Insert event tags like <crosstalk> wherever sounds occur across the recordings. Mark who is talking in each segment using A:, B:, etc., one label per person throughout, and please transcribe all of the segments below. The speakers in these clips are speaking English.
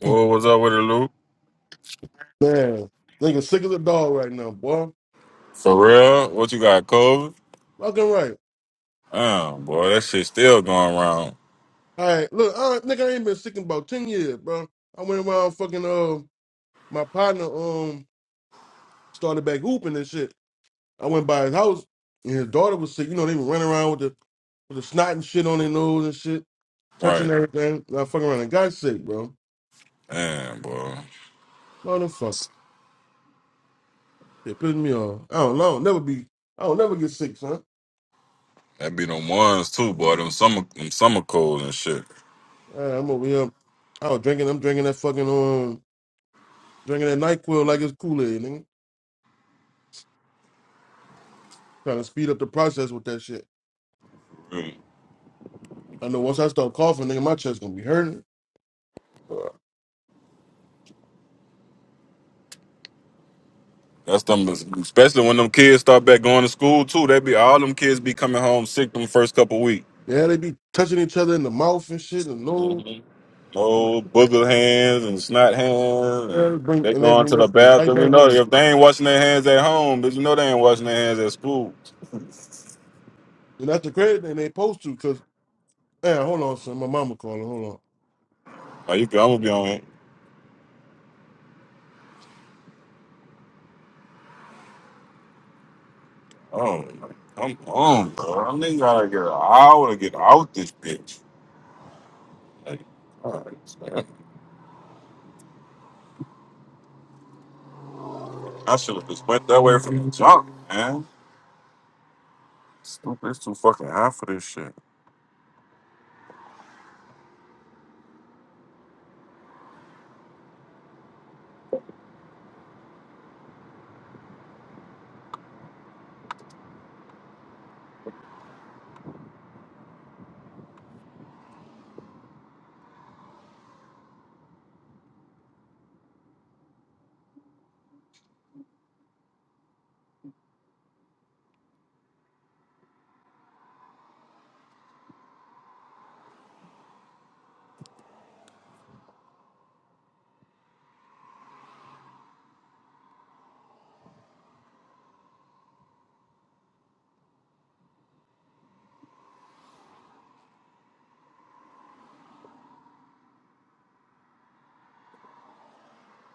A: Well, what's up with it, Lou?
B: Man, nigga sick as a dog right now, boy.
A: For real? What you got, COVID?
B: Fucking right.
A: Damn, boy, that shit still going around.
B: All right, look, I, nigga, I ain't been sick in about ten years, bro. I went around fucking uh, my partner um started back hooping and shit. I went by his house and his daughter was sick. You know, they were running around with the with the snot and shit on their nose and shit, touching
A: Right.
B: everything. And I fucking around and got sick, bro.
A: Damn, boy.
B: Motherfucker, it pissed me off. I don't know. I don't never be. I don't never get sick, son.
A: That be them ones too, boy. Them summer them summer colds and shit.
B: All right, I'm over here. I was drinking. I'm drinking that fucking um, drinking that Nyquil like it's Kool Aid, nigga. Trying to speed up the process with that shit.
A: Mm.
B: I know once I start coughing, nigga, my chest gonna be hurting. Uh,
A: That's them especially when them kids start back going to school too. They be all them kids be coming home sick them first couple weeks.
B: Yeah, they be touching each other in the mouth and shit and nose.
A: hmm
B: I'm like,
A: Oh, booger hands and snot hands
B: yeah,
A: and
B: bring
A: they
B: and they
A: going
B: bring
A: to the
B: that shit right
A: bathroom. You
B: back
A: know,
B: home.
A: if they ain't washing their hands at home, but you know they ain't washing their hands at school.
B: And that's the credit thing they supposed to, cause man, hold on, son, my mama calling. Hold on.
A: Like you can, I'm gonna be on it. Oh, come on, bro. I nigga gotta get an hour to get out this bitch. Like, alright, man. I should have just went that way from the jump, man. Stupid, it's too fucking hot for this shit.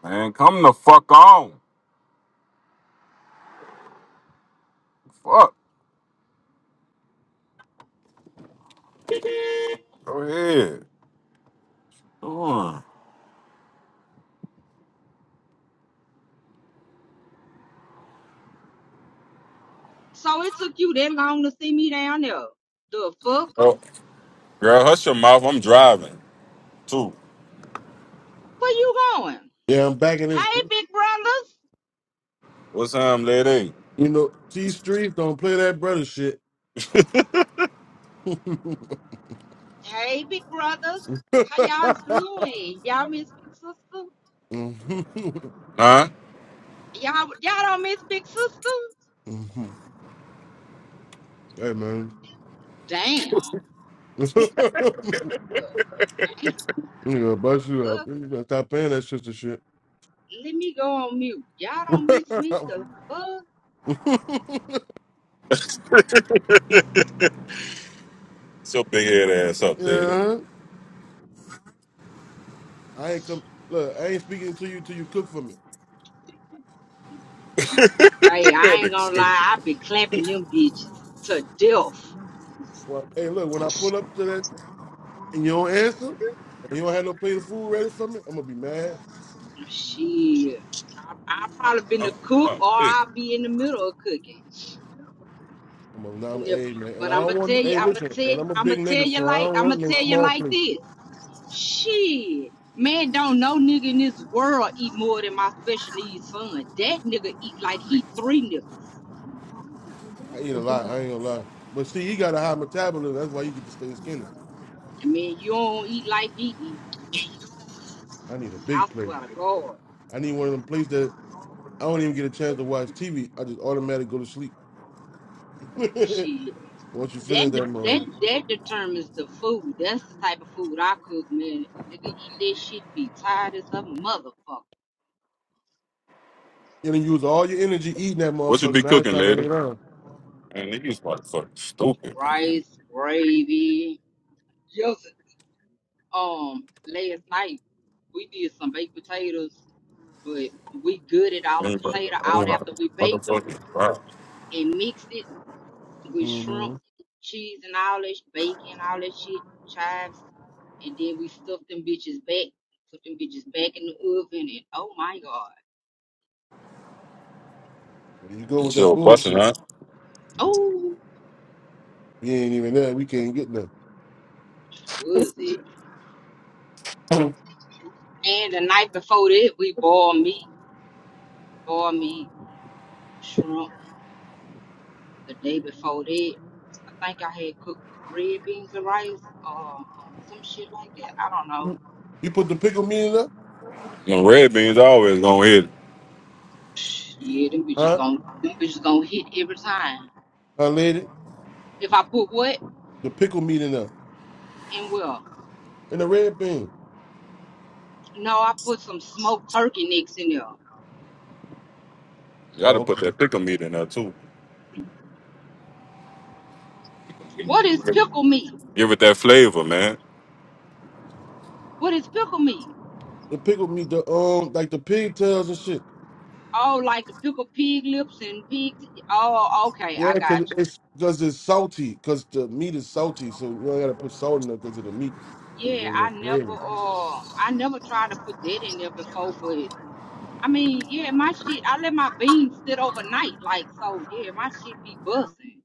A: Man, come the fuck on. Fuck. Go ahead. Come on.
C: So it took you that long to see me down there. The fuck?
A: Oh, girl, hush your mouth. I'm driving, too.
C: Where you going?
B: Yeah, I'm back in this.
C: Hey,
B: bitch.
C: big brothers.
A: What's time, lady?
B: You know, T Streets don't play that brother shit. <laughs>
C: Hey, big brothers. How y'all doing? Y'all miss big sister?
B: hey
A: Huh?
C: Y'all, y'all don't miss big sister?
B: man, <laughs>
C: Damn.
B: you
C: Damn.
B: gonna bust you up?
C: Fuck.
B: You gotta stop playing that sister shit.
C: Let me go on mute. Y'all don't miss me? The fuck?
B: <laughs>
A: It's your big head ass up, lady.
B: Yeah, I ain't come. Look, I ain't speaking to you till you cook for me.
C: Hey,
A: <laughs> That
C: I ain't
A: nigga
C: gonna
A: stupid.
C: lie. I been clapping them bitches to death.
B: Well, hey, look, when I pull up to that and you don't answer, and you don't have no plate of food ready for me, I'm gonna be mad.
C: Oh, Shit. I, I probably been the
A: Oh,
C: cook
A: oh,
C: or
A: hey.
C: I'll be in the middle of cooking.
B: I'm gonna, nah, I'm,
C: Yep.
B: hey man, and
C: But
B: I
C: I'm gonna
B: don't want.
C: tell you,
B: Hey,
C: I'm gonna
B: listen,
C: tell,
B: and I'm a
C: I'm gonna
B: big
C: tell
B: nigga,
C: you
B: so I
C: like,
B: don't
C: I'm
B: want
C: gonna
B: no
C: tell you
B: small
C: like
B: plate.
C: this. Shit, man, don't no nigga in this world eat more than my special needs son. That nigga eat like he three niggas.
B: I eat a lot. I ain't gonna lie. But see, you got a high metabolism. That's why you get to stay skinny.
C: I mean, you don't eat like he eat.
B: I need a
C: I
B: big plate.
C: swear to God,
B: I need one of them plates that I don't even get a chance to watch TV. I just automatically go to sleep. <laughs> Once
C: shit.
B: you finish
C: That
B: that,
C: de-
B: mother,
C: that that determines the food. That's the type of food I cook, man. Nigga eat that shit and be tired as a motherfucker.
B: and then you done use all your energy eating that
A: What you
B: motherfucker.
A: be
B: Now it's
A: cooking,
B: time to lay
A: lady?
B: down.
A: Man, niggas about to fucking stupid, man.
C: Rice, gravy. um last night we did some baked potatoes, but we gutted all the
A: Ain't but-
C: potato
A: oh
C: out
A: my
C: after we baked them
A: motherfucking God.
C: and mixed it with
B: hmm
C: shrimp, cheese, and all that sh- bacon, all that shit, chives, and then we stuffed them bitches back, put them bitches back in the oven, and oh my god,
B: You go
A: That
B: with
A: shit
B: that
A: busting,
B: bullshit.
A: huh?
B: You
C: oh
B: ain't even there. We can't get
C: was it?
B: nothing.
C: And the night before that, we boiled meat, boiled meat, shrimp. the day before that, I think I had cooked red beans and rice or some shit like that. I don't
B: <clears throat>
C: know.
B: you put the pickle meat in there,
A: Them red beans always gonna hit. it.
C: <sniffs> Yeah, them bitches
B: huh?
C: gonna them bitches gonna hit every time.
B: Huh, lady?
C: If I put what
B: The pickle meat in there,
C: in well,
B: and the red bean.
C: no, I put some smoked turkey necks in there.
A: You gotta
B: Oh,
A: put
B: okay.
A: that pickle meat in there too.
C: What is pickle meat?
A: Give it that flavor, man.
C: What is pickle meat?
B: The pickle meat, the um, like the pigtails and shit.
C: Oh, like the pickle pig lips and pig. t- Oh, okay, I
B: Yeah,
C: got
B: cause it's cause it's salty, cause the meat is salty, so you don't gotta put salt in there because of the meat.
C: you.
B: It'll
C: Yeah,
B: give
C: I
B: it a
C: never
B: flavor.
C: uh I never tried to put that in there before, but I mean, yeah, my shit. I let my beans sit overnight, like so. Yeah, my shit be busting.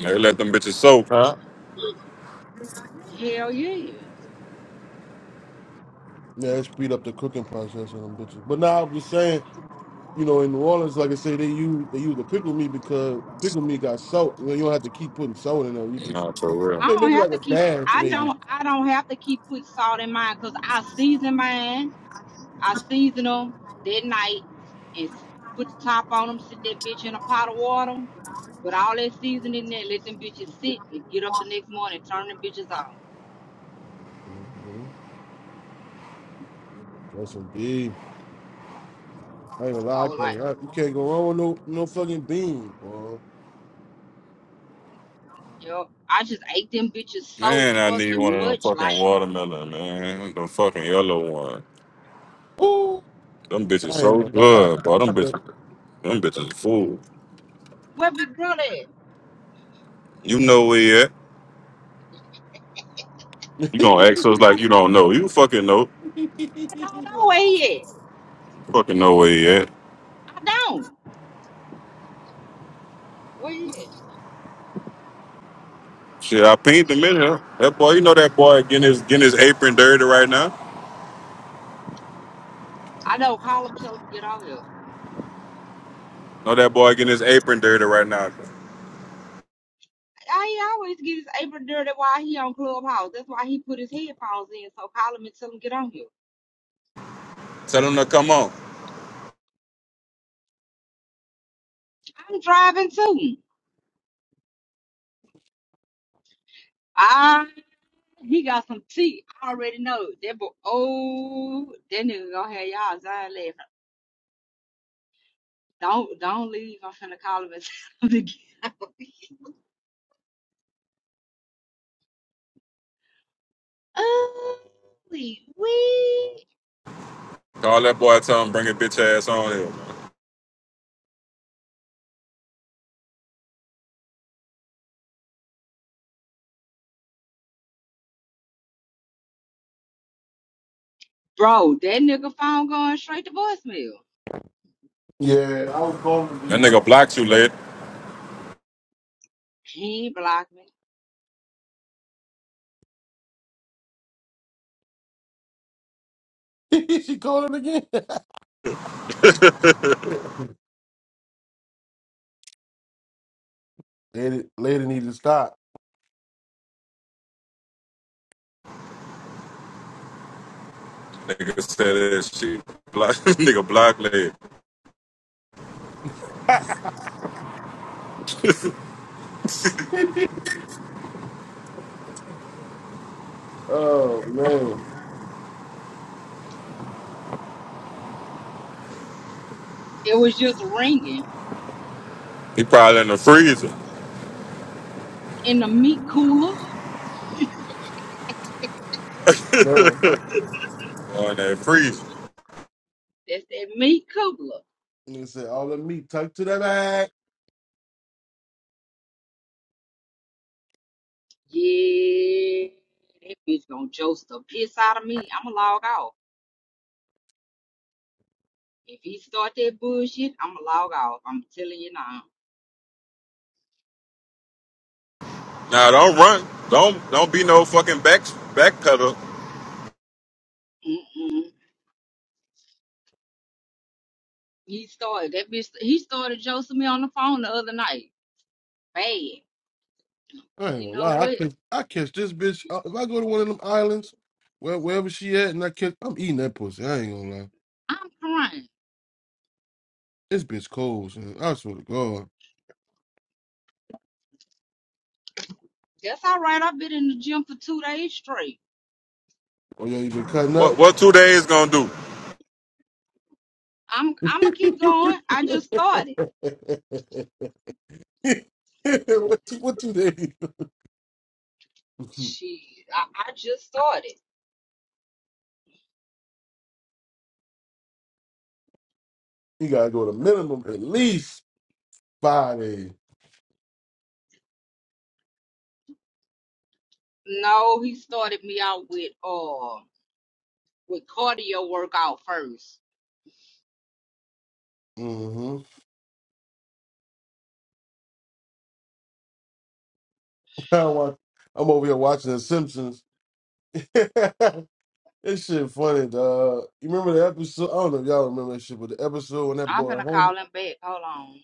A: They let them bitches soak, huh?
C: Hell yeah.
B: Yeah, it speed up the cooking process and them bitches. But now I'm just saying. you know, in New Orleans, like I say, they use they use the pickle meat because pickle meat got salt. You, know, you don't have to keep putting salt in there. You just
A: Nah, for real.
B: may-
C: I don't
B: maybe
C: have
B: like
C: to
B: a
C: keep.
B: dash,
C: I
B: maybe.
C: don't. I don't have to keep putting salt in mine because I season mine. I season them that night and s- put the top on them. Sit that bitch in a pot of water with all that seasoning there. Let them bitches sit and get up the next morning. Turn them bitches on.
B: hmm That's indeed. I ain't gonna lie,
C: So
B: I
C: like,
B: can't. I, you can't go wrong with no no fucking beans, boy.
C: yo, I just ate them bitches so
A: Man, I need one
C: fucking
A: of them
C: much. Like,
A: fucking watermelon, man. The fucking yellow one.
B: Ooh,
A: Them bitches
B: I ain't
A: so
B: gonna lie.
A: good, bro.
B: I
A: Them
B: bet.
A: bitches, them bitches fool.
C: where big brother? At?
A: You know where he at.
B: <laughs>
A: You gonna ask us like you don't know. You fucking know.
C: I don't know where he at.
A: Fucking know where he at.
C: I don't. Well, yeah.
A: Shit, I pinged him in here. That boy, you know that boy getting his getting his apron dirty right now.
C: I know. Call him, tell him to get on here.
A: Know that boy getting his apron dirty right now.
C: I he always get his apron dirty while he on Clubhouse. That's why he put his headphones in. So call him and tell him to get on here.
A: Tell him to come on.
C: I'm driving too. Ah, he got some tea. I already know that. Boy, oh, that nigga gonna have y'all Zion laughing. Don't don't leave. I'm finna call him and <laughs> tell him to get <laughs> out. Oh, we we.
A: Call that boy. Tell him bring his bitch ass on here.
C: Bro, that nigga phone going straight to voicemail.
B: yeah, I was calling him
A: That nigga
B: another.
A: blocked you late.
C: He ain't blocked me.
B: <laughs> she called him again. <laughs> lady, lady need to stop.
A: Nigga said that shit. Block, <laughs> nigga block late.
B: <laughs> oh man,
C: It was just ringing.
A: He probably in the freezer.
C: in the meat cooler.
B: no.
A: On that freezer.
C: That's that meat cooler.
B: And they said, all the meat tucked to that back.
C: Yeah, that bitch gonna jolt the piss out of me. I'ma log off. If he start that bullshit, I'ma log off. I'm telling you now.
A: Nah, don't run. Don't don't be no fucking back backpedal.
C: Mm. He started that bitch. He started josting me on the phone the other night. Bad.
B: I ain't
C: You
B: gonna
C: know
B: lie, I
C: what?
B: catch, I catch this bitch. uh, If I go to one of them islands, where, wherever she at, and I catch, I'm eating that pussy. I ain't gonna lie.
C: I'm crying.
B: This bitch cold, son. I swear to God.
C: That's all right. I've been in the gym for two days straight.
B: Oh, yo, you been cutting
A: What
B: up?
A: what two days gonna do?
C: I'm
B: <laughs>
C: I'ma
B: what,
C: keep going. I just started.
B: two- what two days? <laughs> you
C: Shit, I, I just started.
B: gotta go to minimum at least five days.
C: No, he started me out with uh. with cardio workout first.
B: Mm-hmm. <laughs> I'm over here watching The Simpsons. <laughs> This shit funny, dog. You remember the episode? I don't know if y'all remember that shit, but the episode when that
C: I'm
B: boy
C: finna
B: Homer,
C: call him back. Hold on.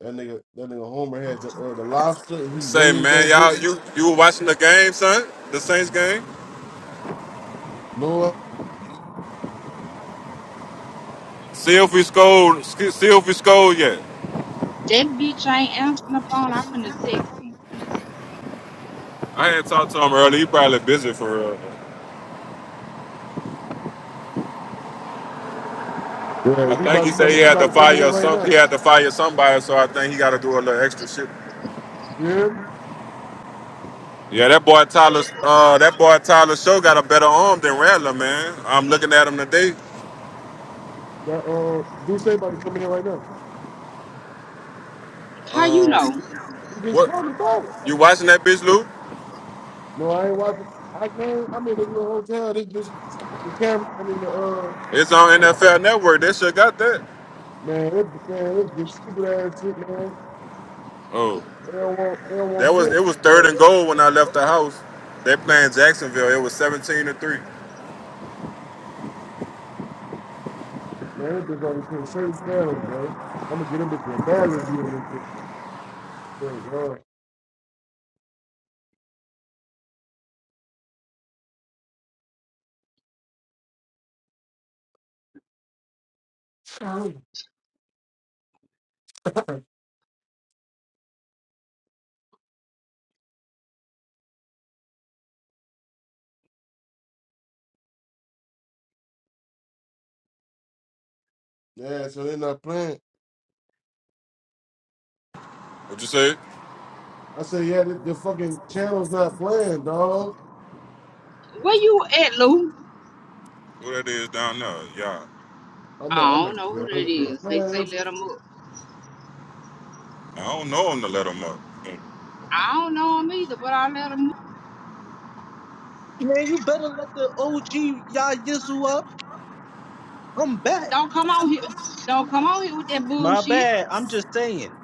B: that nigga, that nigga Homer had the uh, the lobster and he
A: Say
B: raised
A: man,
B: that
A: y'all
B: bitch.
A: you you were watching the game, son? The Saints game?
B: No,
A: See if we scored. See if we scored yet.
C: That bitch ain't answering the phone. I'm finna text him.
A: I hadn't talked to him earlier. He probably busy for real.
B: yeah.
A: I
B: he
A: think
B: about
A: he
B: to
A: said
B: come.
A: he
B: He
A: had to
B: about to come in here
A: fire
B: right
A: some.
B: now.
A: He had to fire somebody, so I think he got to do a little extra shit.
B: You hear me?
A: Yeah, that boy Tyler. Uh, that boy Tyler Show got a better arm than Rattler, man. I'm looking at him today.
B: That, uh, no,
C: How you
A: Um,
C: know?
A: what?
B: Oh,
A: You watching that bitch, Lou?
B: no, I ain't watching. I can't. I'm in the little hotel. This bitch, the camera, uh,
A: It's on NFL Network. That shit got that.
B: man. Uh,
A: Oh, that was
B: man,
A: it was third
B: uh,
A: and goal when I left the house. They playing Jacksonville. It was 17 to three.
B: man, this bitch only put certain camera. I'm at the bathroom. Yeah, so they're not playing.
A: What you say?
B: I say, yeah, the, the fucking channel's not playing, dog.
C: Where you at, Lou?
A: Who that is down there? Yeah.
B: I'm at,
C: I
B: am
C: don't
B: at
C: know who
B: I'm
C: that is. They
B: at Man,
C: say let him up.
A: I don't know him to let him up.
C: I don't know him either, but I let him up.
D: Man, you better let the OG Yayizu up. I'm back.
C: Don't come out here. Don't come out here with that
D: My
C: bullshit.
D: bad. I'm just saying.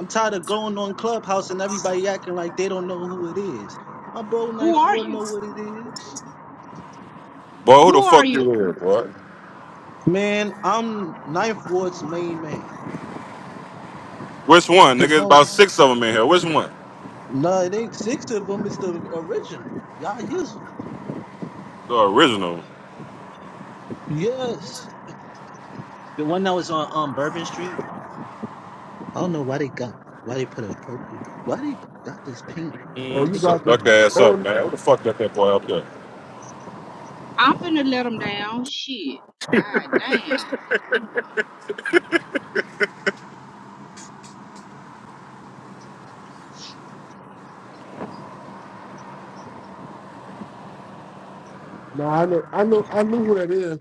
D: I'm tired of going on Clubhouse and everybody acting like they don't know who it is. My bro,
C: Who
D: Ninth
C: are
D: Ward, know
C: you?
D: what it is.
A: Boy, who
C: Who
A: the
C: are
A: fuck
C: you?
A: you is, boy?
D: Man, I'm Ninth Ward's main man,
A: Which one?
D: his
A: Nigga, it's about
D: homie.
A: six of them in here. Which one?
D: No, it ain't six of them. It's the original Yayizu.
A: The original.
D: Yes, the one that was on um Bourbon Street. I don't know why they got why they put a purple. Why they got this pink
B: oh,
A: Mm,
B: you got
D: ticket,
A: shut
B: the.
A: duck
D: man?
A: ass up,
B: Oh,
A: man. Who the fuck let that boy up there?
C: I'm finna let him down. Shit. God damn.
B: no, I know, I know, I knew who that is.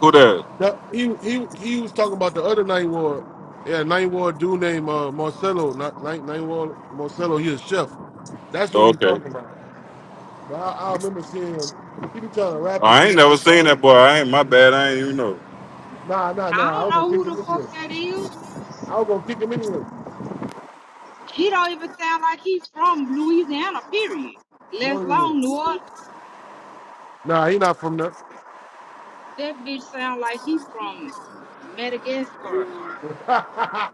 A: Who that?
B: That he he he was talking about the other night ward. Yeah, night ward dude named uh, Marcelo. Not night night ward Marcelo. He a chef. That's who
A: Oh,
B: he
A: okay.
B: talking about. But I, I remember seeing him. He be trying to rap and
A: I
B: shit.
A: ain't
B: He
A: never
B: shit
A: seen
B: garbage.
A: that boy. I ain't my bad. I ain't even
B: Nah, nah,
C: I
B: nah. I
C: don't
B: was gonna
C: know
B: kick
C: who
B: him
C: the fuck
B: anyway.
C: that is.
B: I was gonna kick him anyway.
C: He don't even sound like he's from Louisiana, period.
B: No,
C: Less
B: he
C: long
B: wouldn't.
C: New Orleans.
B: Nah, he not from there.
C: That bitch sound like he from Madagascar.
B: <laughs>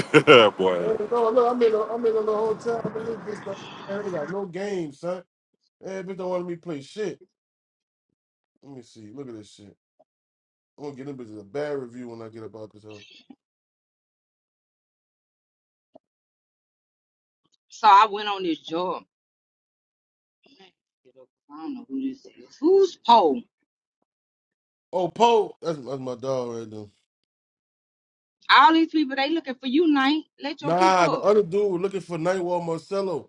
A: know. <laughs> boy.
B: Hey, no, look, I'm in a, I'm in a little hotel, man. This man ain't got no game, son. Yeah, bitch don't want to let me play shit. Let me see. Look at this shit. I'm gonna get them bitches a bad review when I get up out this hole.
C: So I went on this job. I don't know who this is. Who's Poe?
B: Oh, Poe. That's, that's my dog right there.
C: All these people, they looking for you, Knight. Let your people
B: Nah, the
C: up.
B: other dude was looking for Nightwall Marcello.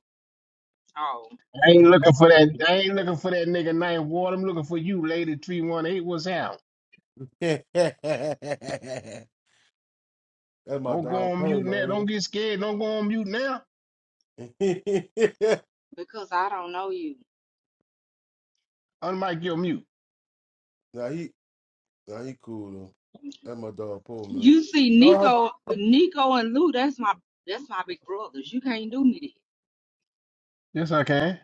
C: Oh,
E: I ain't looking for that. I ain't looking for that nigga Night Ward. I'm looking for you, Lady Three One Eight. What's out?
B: <laughs> that's my
E: Don't go
B: dog
E: on
B: Poe,
E: mute now. Don't
B: man.
E: get scared. Don't go on mute now.
B: <laughs>
C: because I don't know you.
E: Unmic your mute.
B: nah, he nah, he cool though. That's my dog Poe, man.
C: You see
B: Dog,
C: Nico, Nico and Lou, that's my that's my big brothers. You can't do me this.
E: Yes, I can.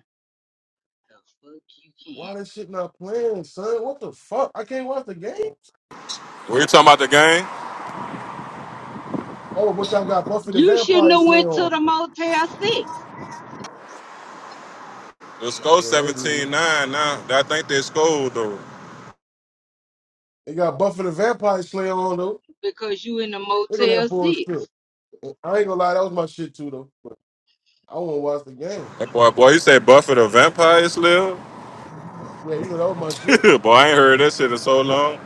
C: The fuck you
B: why
C: can't.
B: that shit not playing, son? What the fuck? I can't watch the game.
A: We talking about the game?
B: Oh, but y'all got Buffy the
C: You shouldn't
B: Vampire
C: have
B: Slayer
C: went to
B: on.
C: the Motel 6
A: The score
B: Yeah, they do.
A: seventeen nine now. I think they scored though.
B: They got Buffy the Vampire Slayer on though.
C: because you in the
B: Look at
C: Motel
B: that bullshit.
C: 6.
B: And I ain't gonna lie, that was my shit too though. But I wanna watch the game.
A: That boy, boy, you say Buffett a vampire slave?
B: Yeah, you know that was my
A: <laughs>
B: shit.
A: boy, I ain't heard that shit in so long.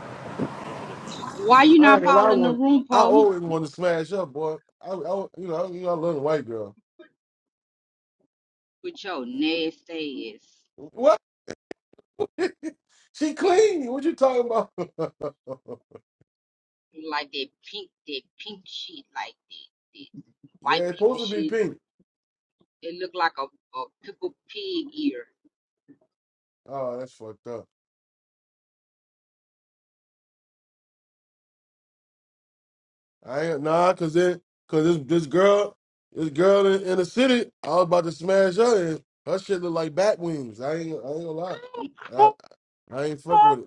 C: Why you
B: I ain't
C: not
B: gonna lie, I
C: following the
B: want
C: room,
B: I
C: Poe?
B: always want to smash up, boy. I, I you know, I, you know, I love the white girl.
C: With your nasty ass.
B: What? She clean? What you talking about? <laughs>
C: like that pink that pink shit like that, that
B: yeah,
C: white
B: it's
C: people
B: supposed to be
C: shit.
B: pink.
C: It looked like a, a pickled pig ear.
B: Oh, that's fucked up. I ain't nah, cause it, cause this this girl, this girl in, in the city, I was about to smash her, and her shit look like bat wings. I ain't, I ain't gonna lie, I, I ain't fuck with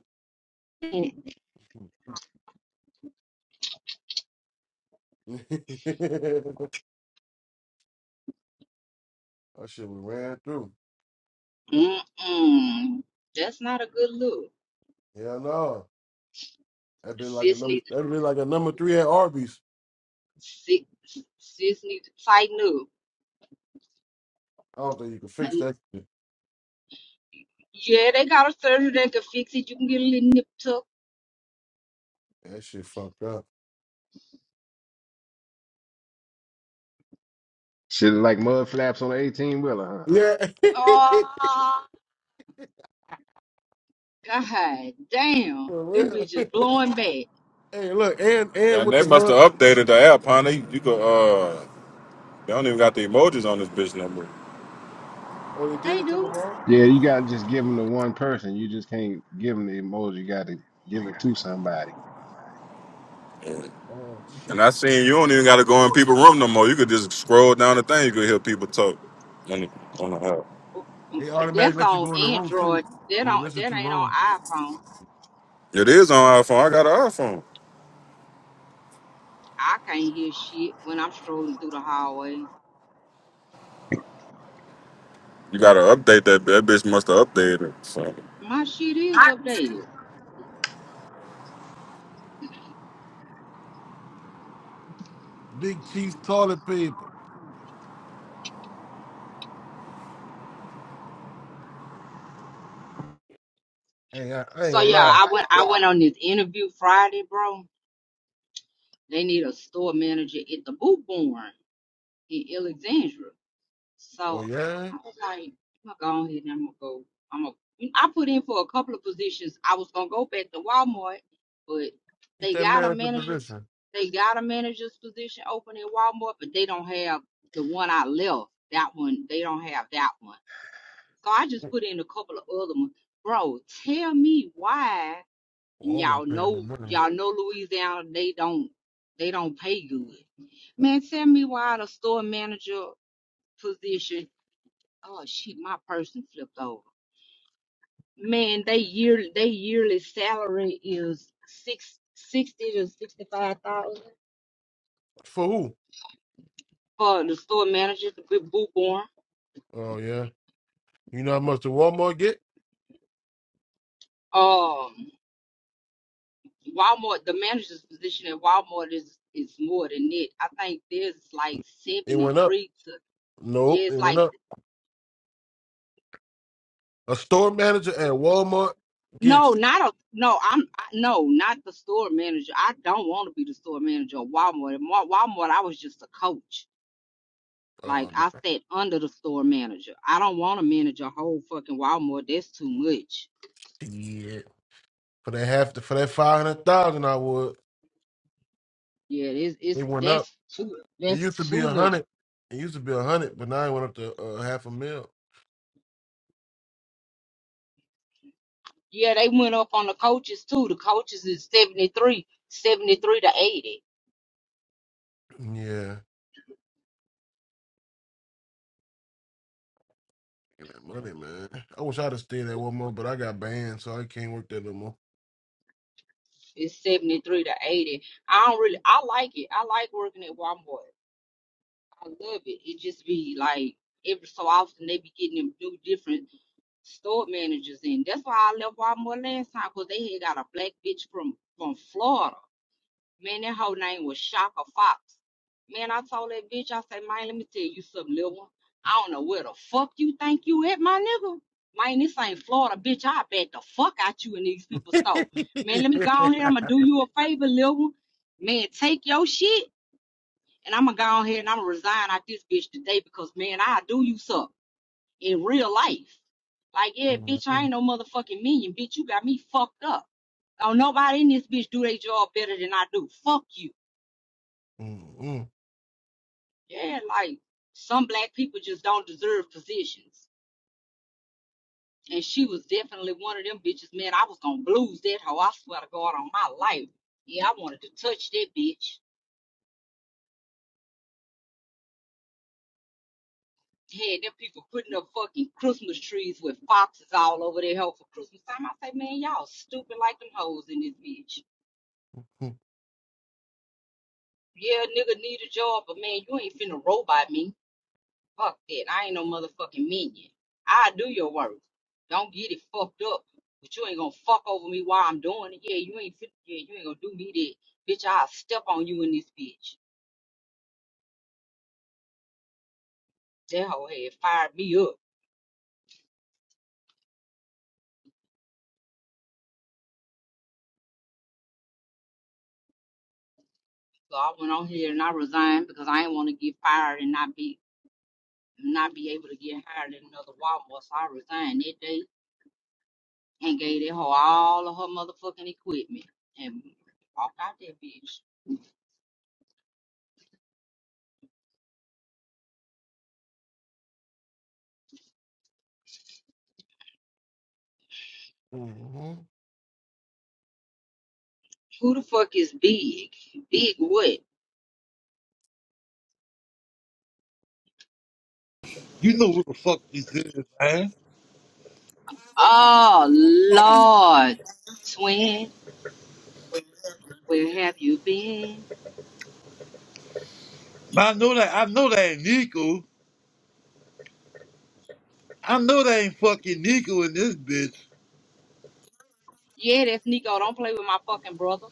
B: it. <laughs> That shit was ran through.
C: Mm-mm. That's not a good look.
B: Hell no. That been like a
C: Sis
B: number
C: need to
B: that been like a number three at Arby's.
C: sis, sis need to tighten up.
B: I don't think you can fix
C: And
B: that shit.
C: yeah, they got a surgery that can fix it. You can get a little nip tuck.
B: That shit fucked up.
E: Shit like mud flaps on an eighteen wheeler, huh?
B: Yeah. <laughs>
C: Oh God damn.
B: For
C: Them
B: real.
C: bitches blowing back.
B: hey, look, and and
A: And
B: with
A: they
B: the
A: must
B: mud.
A: have updated the app, huh? They, you could, uh, they don't even got the emojis on this bitch no more.
B: Oh, they did
C: They
B: it, took
C: do.
B: them off?
E: Yeah, you gotta just give them to one person. You just can't give them the emoji. You gotta give it to somebody.
B: Oh shit.
A: And I seen you don't even got to go in people's room no more. You could just scroll down the thing. You could hear people talk on the, on the app.
B: They automatically
C: That's
B: let you
C: on
B: go in the room too.
C: Android. That
B: When you
C: on
B: listen
C: that
B: too
C: ain't on
B: long.
C: iPhone.
A: It is on iPhone. I got an iPhone.
C: I can't hear shit when I'm strolling through the hallway.
A: You got to update that. That bitch must have updated it. So.
C: My shit is updated.
B: Big Chief's toilet paper. Hey, I, I ain't
C: So
B: gonna
C: yeah,
B: lie.
C: I went I went on this interview Friday, bro. They need a store manager at the boot barn in Alexandria.
B: Oh
C: So
B: yeah?
C: I was like, I'm gonna go ahead and I'm gonna go. I'm gonna I put in for a couple of positions. I was gonna go back to Walmart, but
B: Get
C: they
B: that
C: got
B: man
C: a
B: in the
C: manager
B: position.
C: they got a manager's position open at Walmart, but they don't have the one I left. That one they don't have that one. So I just put in a couple of other ones. Bro, tell me why and
B: Walmart
C: y'all
B: paying the
C: know
B: money.
C: y'all know Louisiana they don't they don't pay good. Man, tell me why the store manager position oh shit, my person flipped over. Man, they yearly they yearly salary is six sixty to sixty five thousand
B: For who?
C: for the store manager to be bookborn.
B: Oh yeah. You know how much the Walmart get?
C: Um Walmart, the manager's position at Walmart is is more than it. I think there's like
B: It
C: seventy
B: went up.
C: three to
B: Nope,
C: yeah,
B: it
C: it's
B: went
C: like
B: up. A store manager at Walmart
C: no,
B: gets
C: not a no. I'm I, no, not the store manager. I don't want to be the store manager at Walmart. At Wa- Walmart, I was just a coach.
B: uh
C: Like I sat under the store manager. I don't want to manage a whole fucking Walmart. That's too much.
B: yeah, for that half the, for that five hundred thousand I would.
C: Yeah, it's
B: It
C: it's
B: went up.
C: that's too
B: It
C: that's
B: used to be
C: too
B: a
C: much.
B: hundred. It used to be a hundred, but now it went up to uh, half a mil.
C: Yeah, they went up on the coaches too. The coaches is 73, 73 to 80.
B: Yeah. Get that money, man. I wish I'd have stayed at Walmart, but I got banned, so I can't work there no more.
C: It's 73 to 80. I don't really, I like it. I like working at Walmart. I love it. It just be like every so often they be getting them new different store managers in. That's why I left Walmart last time because they had got a black bitch from from Florida. Man, that whole name was Shaka Fox. Man, I told that bitch, I said, man, let me tell you something, little one. I don't know where the fuck you think you at, my nigga. Man, this ain't Florida, bitch. I bet the fuck out you in these people's store. Man, let me go on here. I'm gonna do you a favor, little one. Man, take your shit and I'm gonna go on here and I'm gonna resign out this bitch today because, man, I'll do you something in real life. Like, yeah, bitch, I ain't
B: Mhm.
C: no motherfucking minion, bitch. You got me fucked up. Don't nobody in this bitch do their job better than I do. Fuck you.
B: Mhm.
C: Yeah, like some black people just don't deserve positions. And she was definitely one of them bitches, man. I was gonna blues that hoe. I swear to God on my life. Yeah, I wanted to touch that bitch. Had them people putting up fucking Christmas trees with foxes all over their Hell for Christmas time. I say, man, y'all stupid like them hoes in this bitch. Yeah, nigga need a job, but man, you ain't finna robot me. Fuck that. I ain't no motherfucking minion. I do your work. Don't get it fucked up. But you ain't gonna fuck over me while I'm doing it. Yeah, you ain't fit. Yeah, you ain't gonna do me that. Bitch, I'll step on you in this bitch. That hoe had fired me up. So I went on here and I resigned because I didn't want to get fired and not be not be able to get hired at another Walmart. So I resigned that day and gave that hoe all of her motherfucking equipment and walked out that bitch.
B: Mhm.
C: Who the fuck is big? Big what?
F: You know what the fuck this is, man.
C: Oh Lord, twin, where have you been?
F: I know that I know that ain't Nico. I know that ain't fucking Nico in this bitch.
C: Yeah, that's Nico. Don't play with my fucking brother.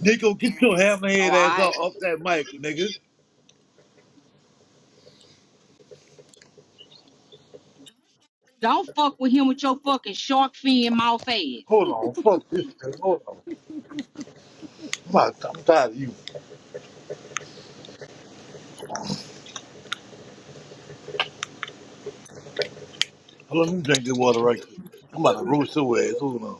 F: Nico, get your
C: Oh,
F: hammerhead ass
C: alright.
F: off, off that mic, nigga.
C: Don't fuck with him with your fucking shark fin mouth ass.
F: Hold on, fuck this nigga. Hold on. I'm, about, I'm tired of you. Hold on, let me drink this water right quick. I'm about to roast your ass. Hold on.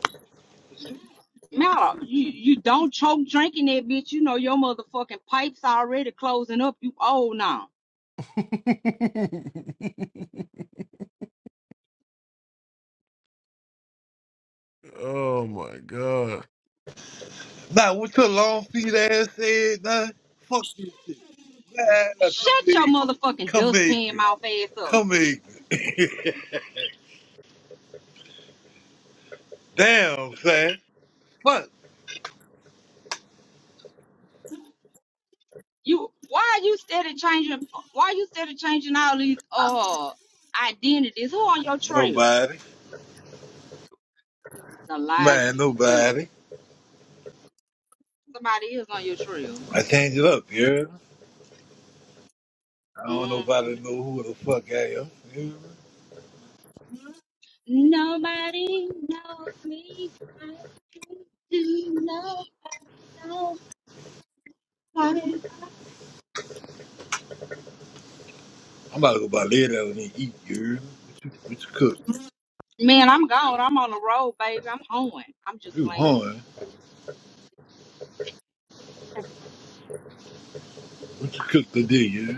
C: Matter, you, you don't choke drinking that bitch. You know your motherfucking pipes already closing up. You old now.
B: Oh my god.
F: Now, what your long feet ass said, nah? Fuck this shit. Man, come
C: Shut your
F: make me.
C: motherfucking
F: Come make
C: dustpan
F: me.
C: mouth ass up.
F: Come make me. <laughs> Damn, son. Fuck.
C: You why are you steady changing? Why you steady changing all these uh identities? Who on your trail?
F: Nobody.
C: The lies
F: Man,
C: people tell.
F: nobody.
C: Somebody is on your trail.
F: I changed it up, yeah. I don't know
C: hmm
F: nobody know who the fuck I am. Yeah.
C: Nobody knows me. like you do. Nobody knows my life.
F: I'm about to go buy lead out and then eat, yeah. What you, what you cook?
C: Man, I'm gone. I'm on the road, baby. I'm hoeing. I'm just
F: You
C: playing.
F: hungry? What you cook today, yeah?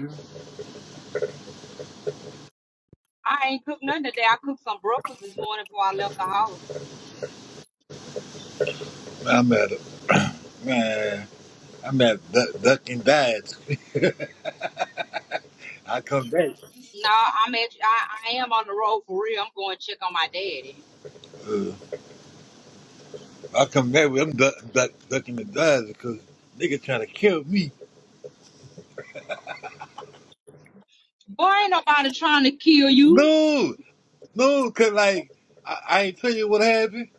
C: I ain't cooked nothing today. I cooked some breakfast this morning before I left the house.
F: Man, I'm at a man. I'm at duck, duck and dives. <laughs> I come back.
C: No, I'm at. I, I am on the road for real. I'm going to check on my daddy.
F: Uh, I come back with them duck, duck, ducking the dives because nigga trying to kill me.
C: Boy, ain't nobody trying to kill you.
F: No, no, cause like I, I ain't tell you what happened.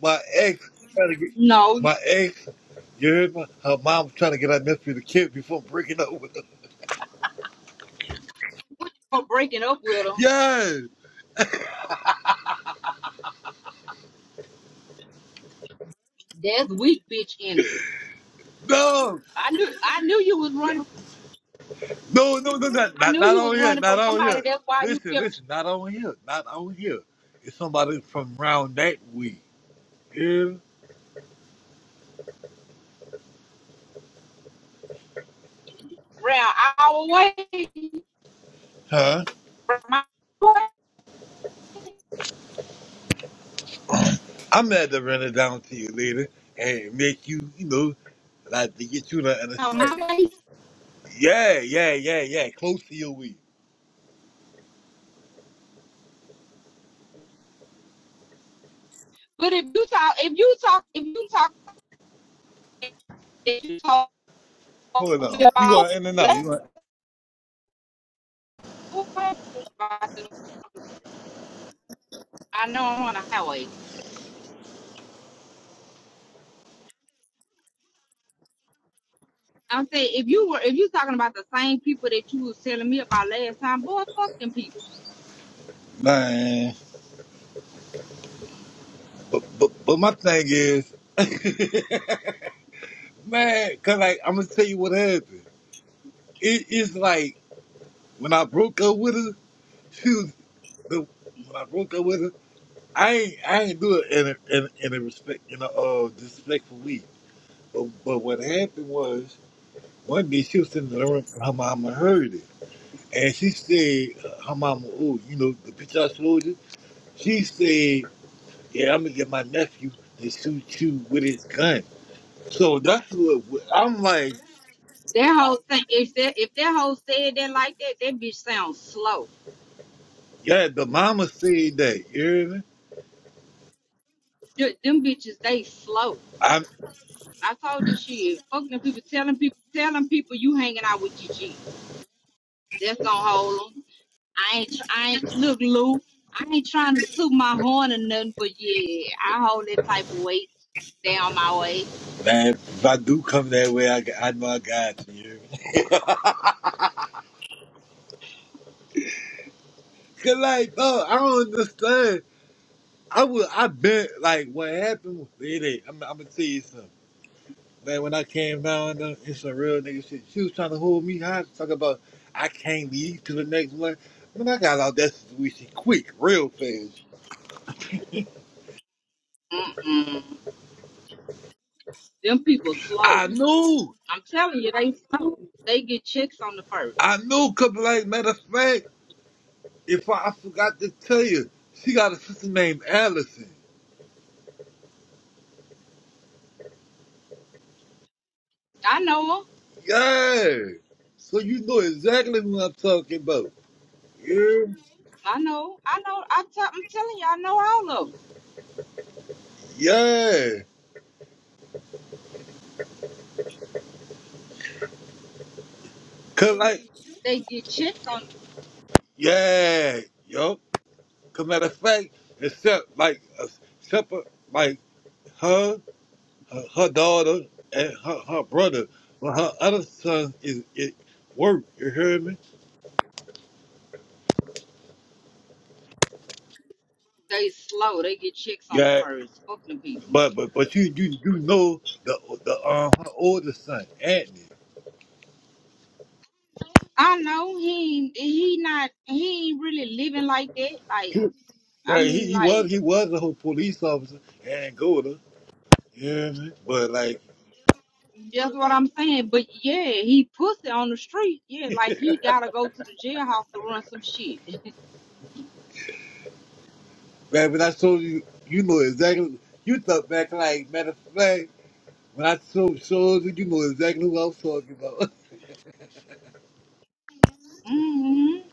F: My ex trying to get.
C: No,
F: My ex You heard me? Her mom was trying to get out mystery the kid before breaking up with her.
C: what you for breaking up with him?
F: Yes.
C: That's weak bitch energy.
F: No.
C: I knew. I knew you was running.
F: No, no, no, not,
C: I
F: not,
C: knew
F: not
C: you
F: on
C: was
F: here.
C: running
F: Not
C: from
F: on here.
C: somebody. That's why you
F: Listen,
C: kept
F: listen, not on here. Not on here. It's somebody from round that week. Yeah.
C: round our way.
F: Huh?
C: My
F: I'm mad to run it down to you later and make you, you know, like to get you to understand.
C: my
F: Yeah, yeah, yeah, yeah. Close to your week.
C: But if you talk, if you talk, if you talk, if you talk
F: Hold on. You
C: about
F: going in and out. You
C: let's
F: going
C: go I know I'm on a highway. I'm saying if you were if you talking about the same people that you was telling me about last time, boy, fuck them people.
F: Man. But, but, but my thing is. <laughs> Man, cause like I'm gonna tell you what happened. It, it's like when I broke up with her, she was the when I broke up with her. I ain't I ain't do it in a, in, a- in a respect in a uh, disrespectful way. But, but what happened was one day she was sitting in the room and her mama heard it, and she said uh, her mama, oh, you know the picture I showed you. She said, yeah, I'm gonna get my nephew to shoot you with his gun. So that's what I'm like.
C: That whole thing, if that if that whole said that like that, that bitch sounds slow.
F: Yeah, the mama said that. You hear me?
C: Them bitches, they slow. I told you shit. Fucking them people, telling people, telling people you hanging out with Gigi. That's gonna hold them. I ain't, tr- I ain't. Look, Lou, I ain't trying to toot my horn or nothing, but yeah, I hold that type of weight down my way.
F: Man, if I do come that way, I, I know I got you. you hear me? <laughs> Cause like, oh, I don't understand. I would, I bet like what happened. It ain't. I'm, I'm gonna tell you something. Like when I came down, uh, it's some real nigga shit. She was trying to hold me high, talk about I can't leave till the next month. When I got out that situation quick, real fast.
C: Mm-mm. Them people slow.
F: I knew,
C: I'm telling you, they slow. They get chicks on the first.
F: I knew. Couple like matter of fact, if I, I forgot to tell you, she got a sister named Allison.
C: I know 'em.
F: Yeah. So you know exactly what I'm talking about. Yeah.
C: I know. I know. I t- I'm telling you, I know all of 'em.
F: Yeah. Cause like,
C: They get chicks on.
F: yeah, yo. Cause matter of fact, except like, uh, except for, like her, her, her daughter, and her, her brother, but her other son is it work. You hear me?
C: They slow. They get chicks on the
F: Yeah.
C: first. Fuck them people.
F: But but but you you you know the the um her oldest son Anthony.
C: I know he ain't- he not he ain't really living like that. Like
F: <laughs> He,
C: I
F: yeah, he,
C: mean,
F: he was
C: like
F: he was a police officer in Angola. You hear me? But like.
C: that's what I'm saying. But yeah, he pussy on the street. Yeah, like he gotta go to the jailhouse to run some shit.
F: Man, when I told you, you know exactly. You thought back like matter of fact. When I told shows you, you know exactly who I was talking about.
C: Mm-hmm.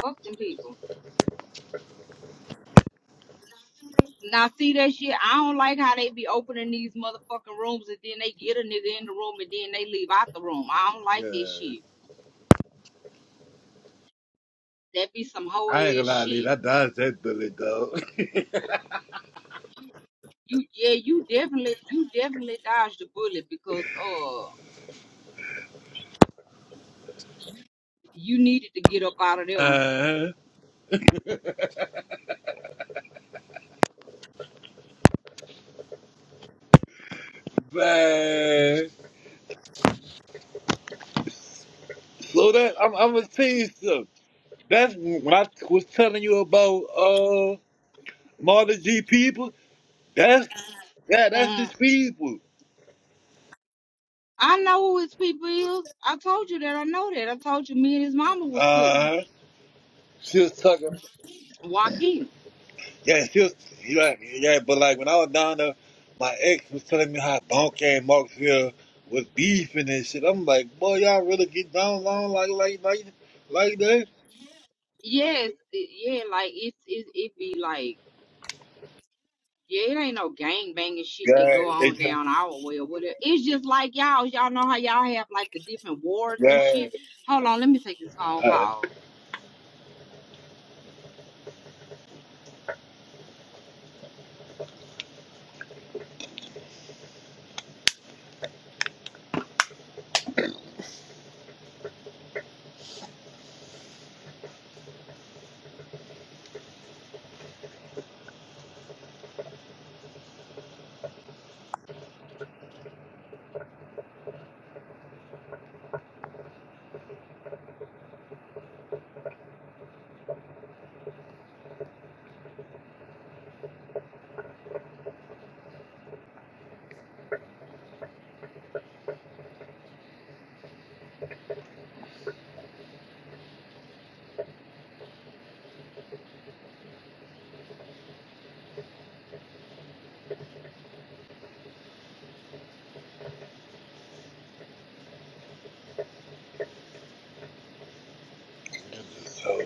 C: Fuck them people. Now see that shit. I don't like how they be opening these motherfucking rooms and then they get a nigga in the room and then they leave out the room. I don't
F: <laughs>
C: like this
F: yeah,
C: shit. That be some hoe
F: I ain't
C: ass
F: gonna lie, Lee,
C: shit.
F: I dodged that bullet, dog. <laughs>
C: You yeah, you definitely you definitely dodged the bullet because uh You needed to get up out of there.
F: Uh, man, so that I'm, I'm gonna tell you something. That's when I was telling you about uh Marta G people. That's yeah, that's
C: Mm,
F: his people.
C: I know who his people is. I told you that. I know that. I told you me and his mama was cool.
F: Uh, she was talking.
C: Joaquin.
F: Yeah, it's still, you right, yeah, but like when I was down there, my ex was telling me how Bonk and Marksville was beefing and shit. I'm like, boy, y'all really get down long like like like like that?
C: Yes, it- yeah, like it's it it be like yeah, it ain't no gang banging shit that
F: Yeah,
C: go
F: it
C: on
F: just
C: down our way or whatever. It's just like y'all, y'all know how y'all have like the different wards and
F: yeah.
C: shit. Hold on, let me take this phone
F: Uh,
C: call.
F: so,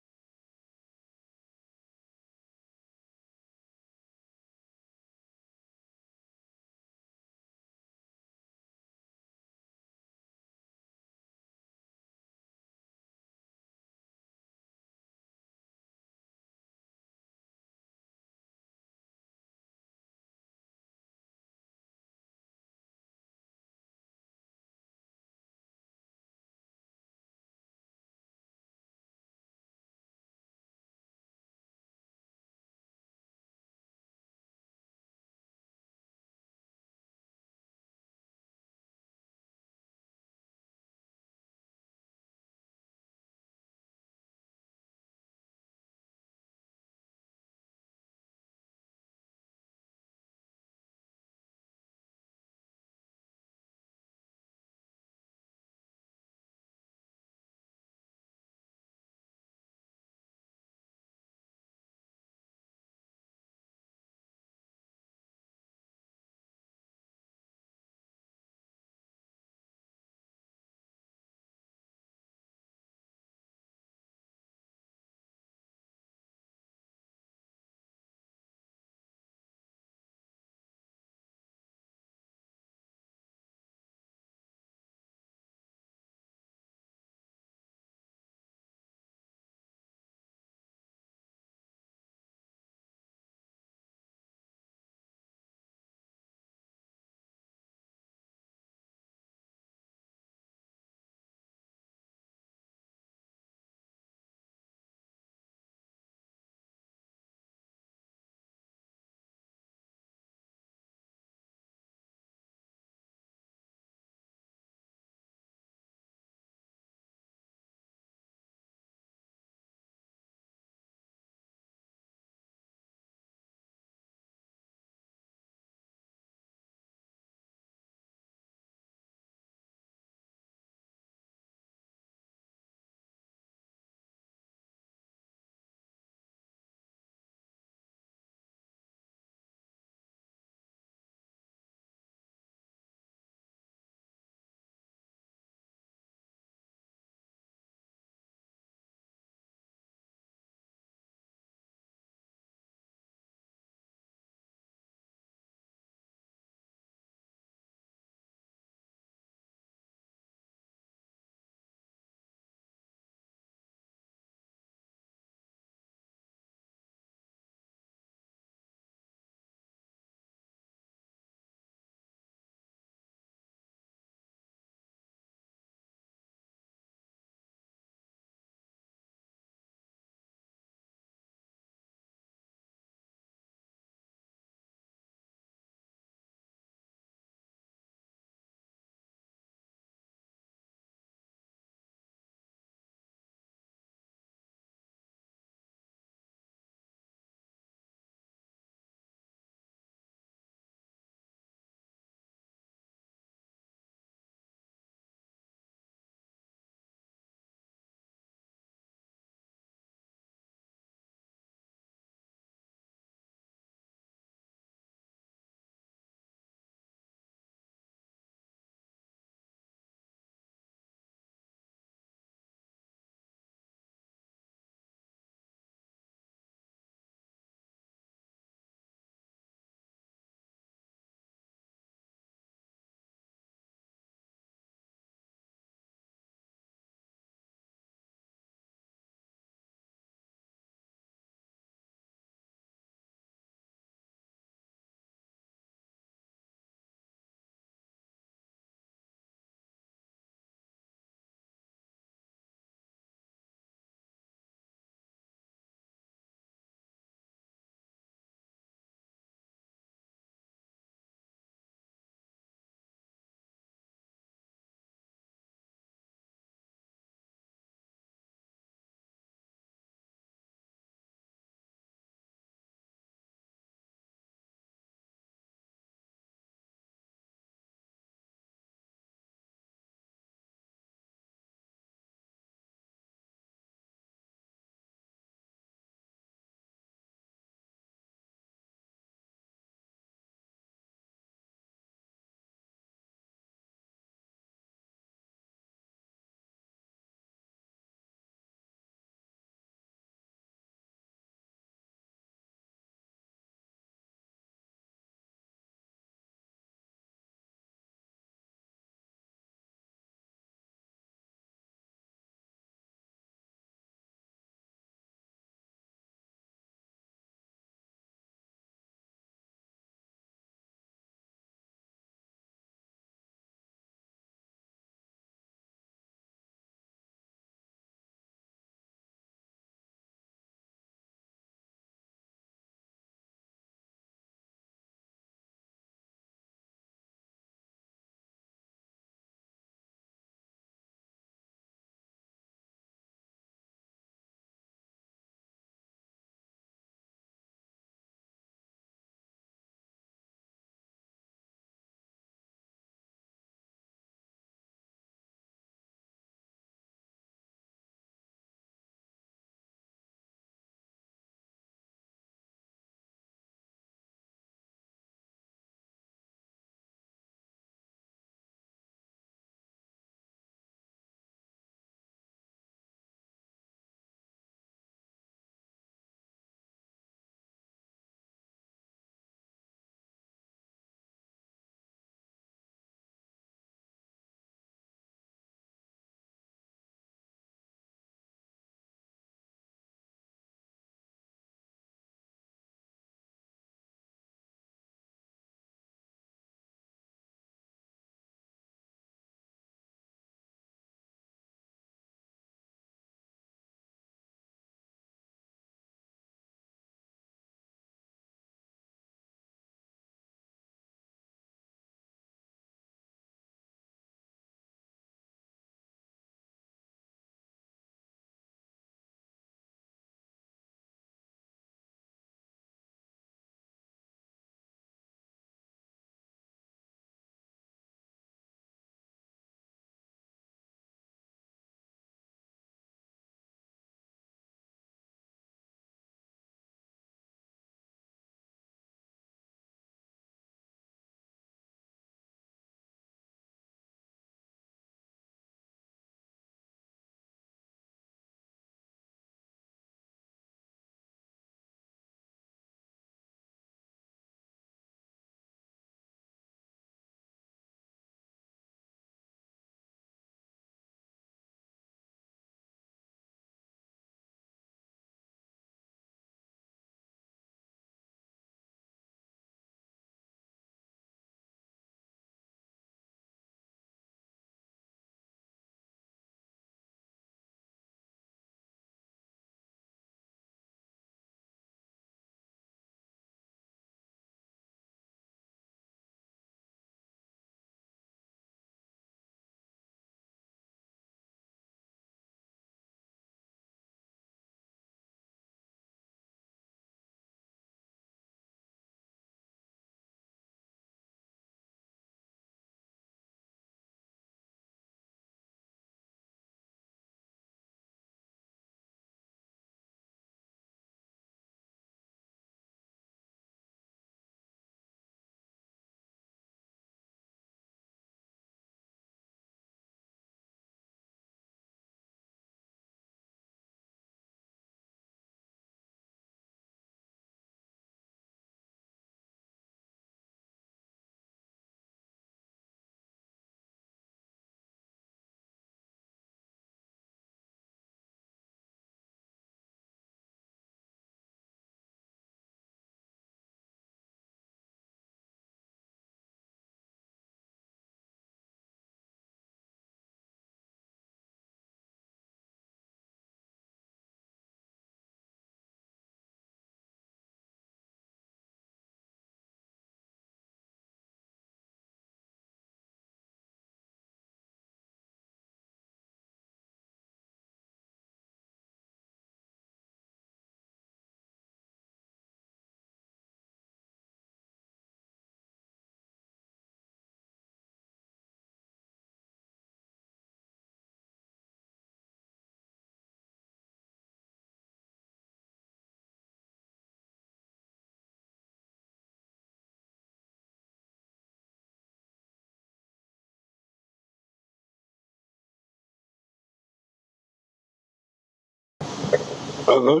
F: uh-huh.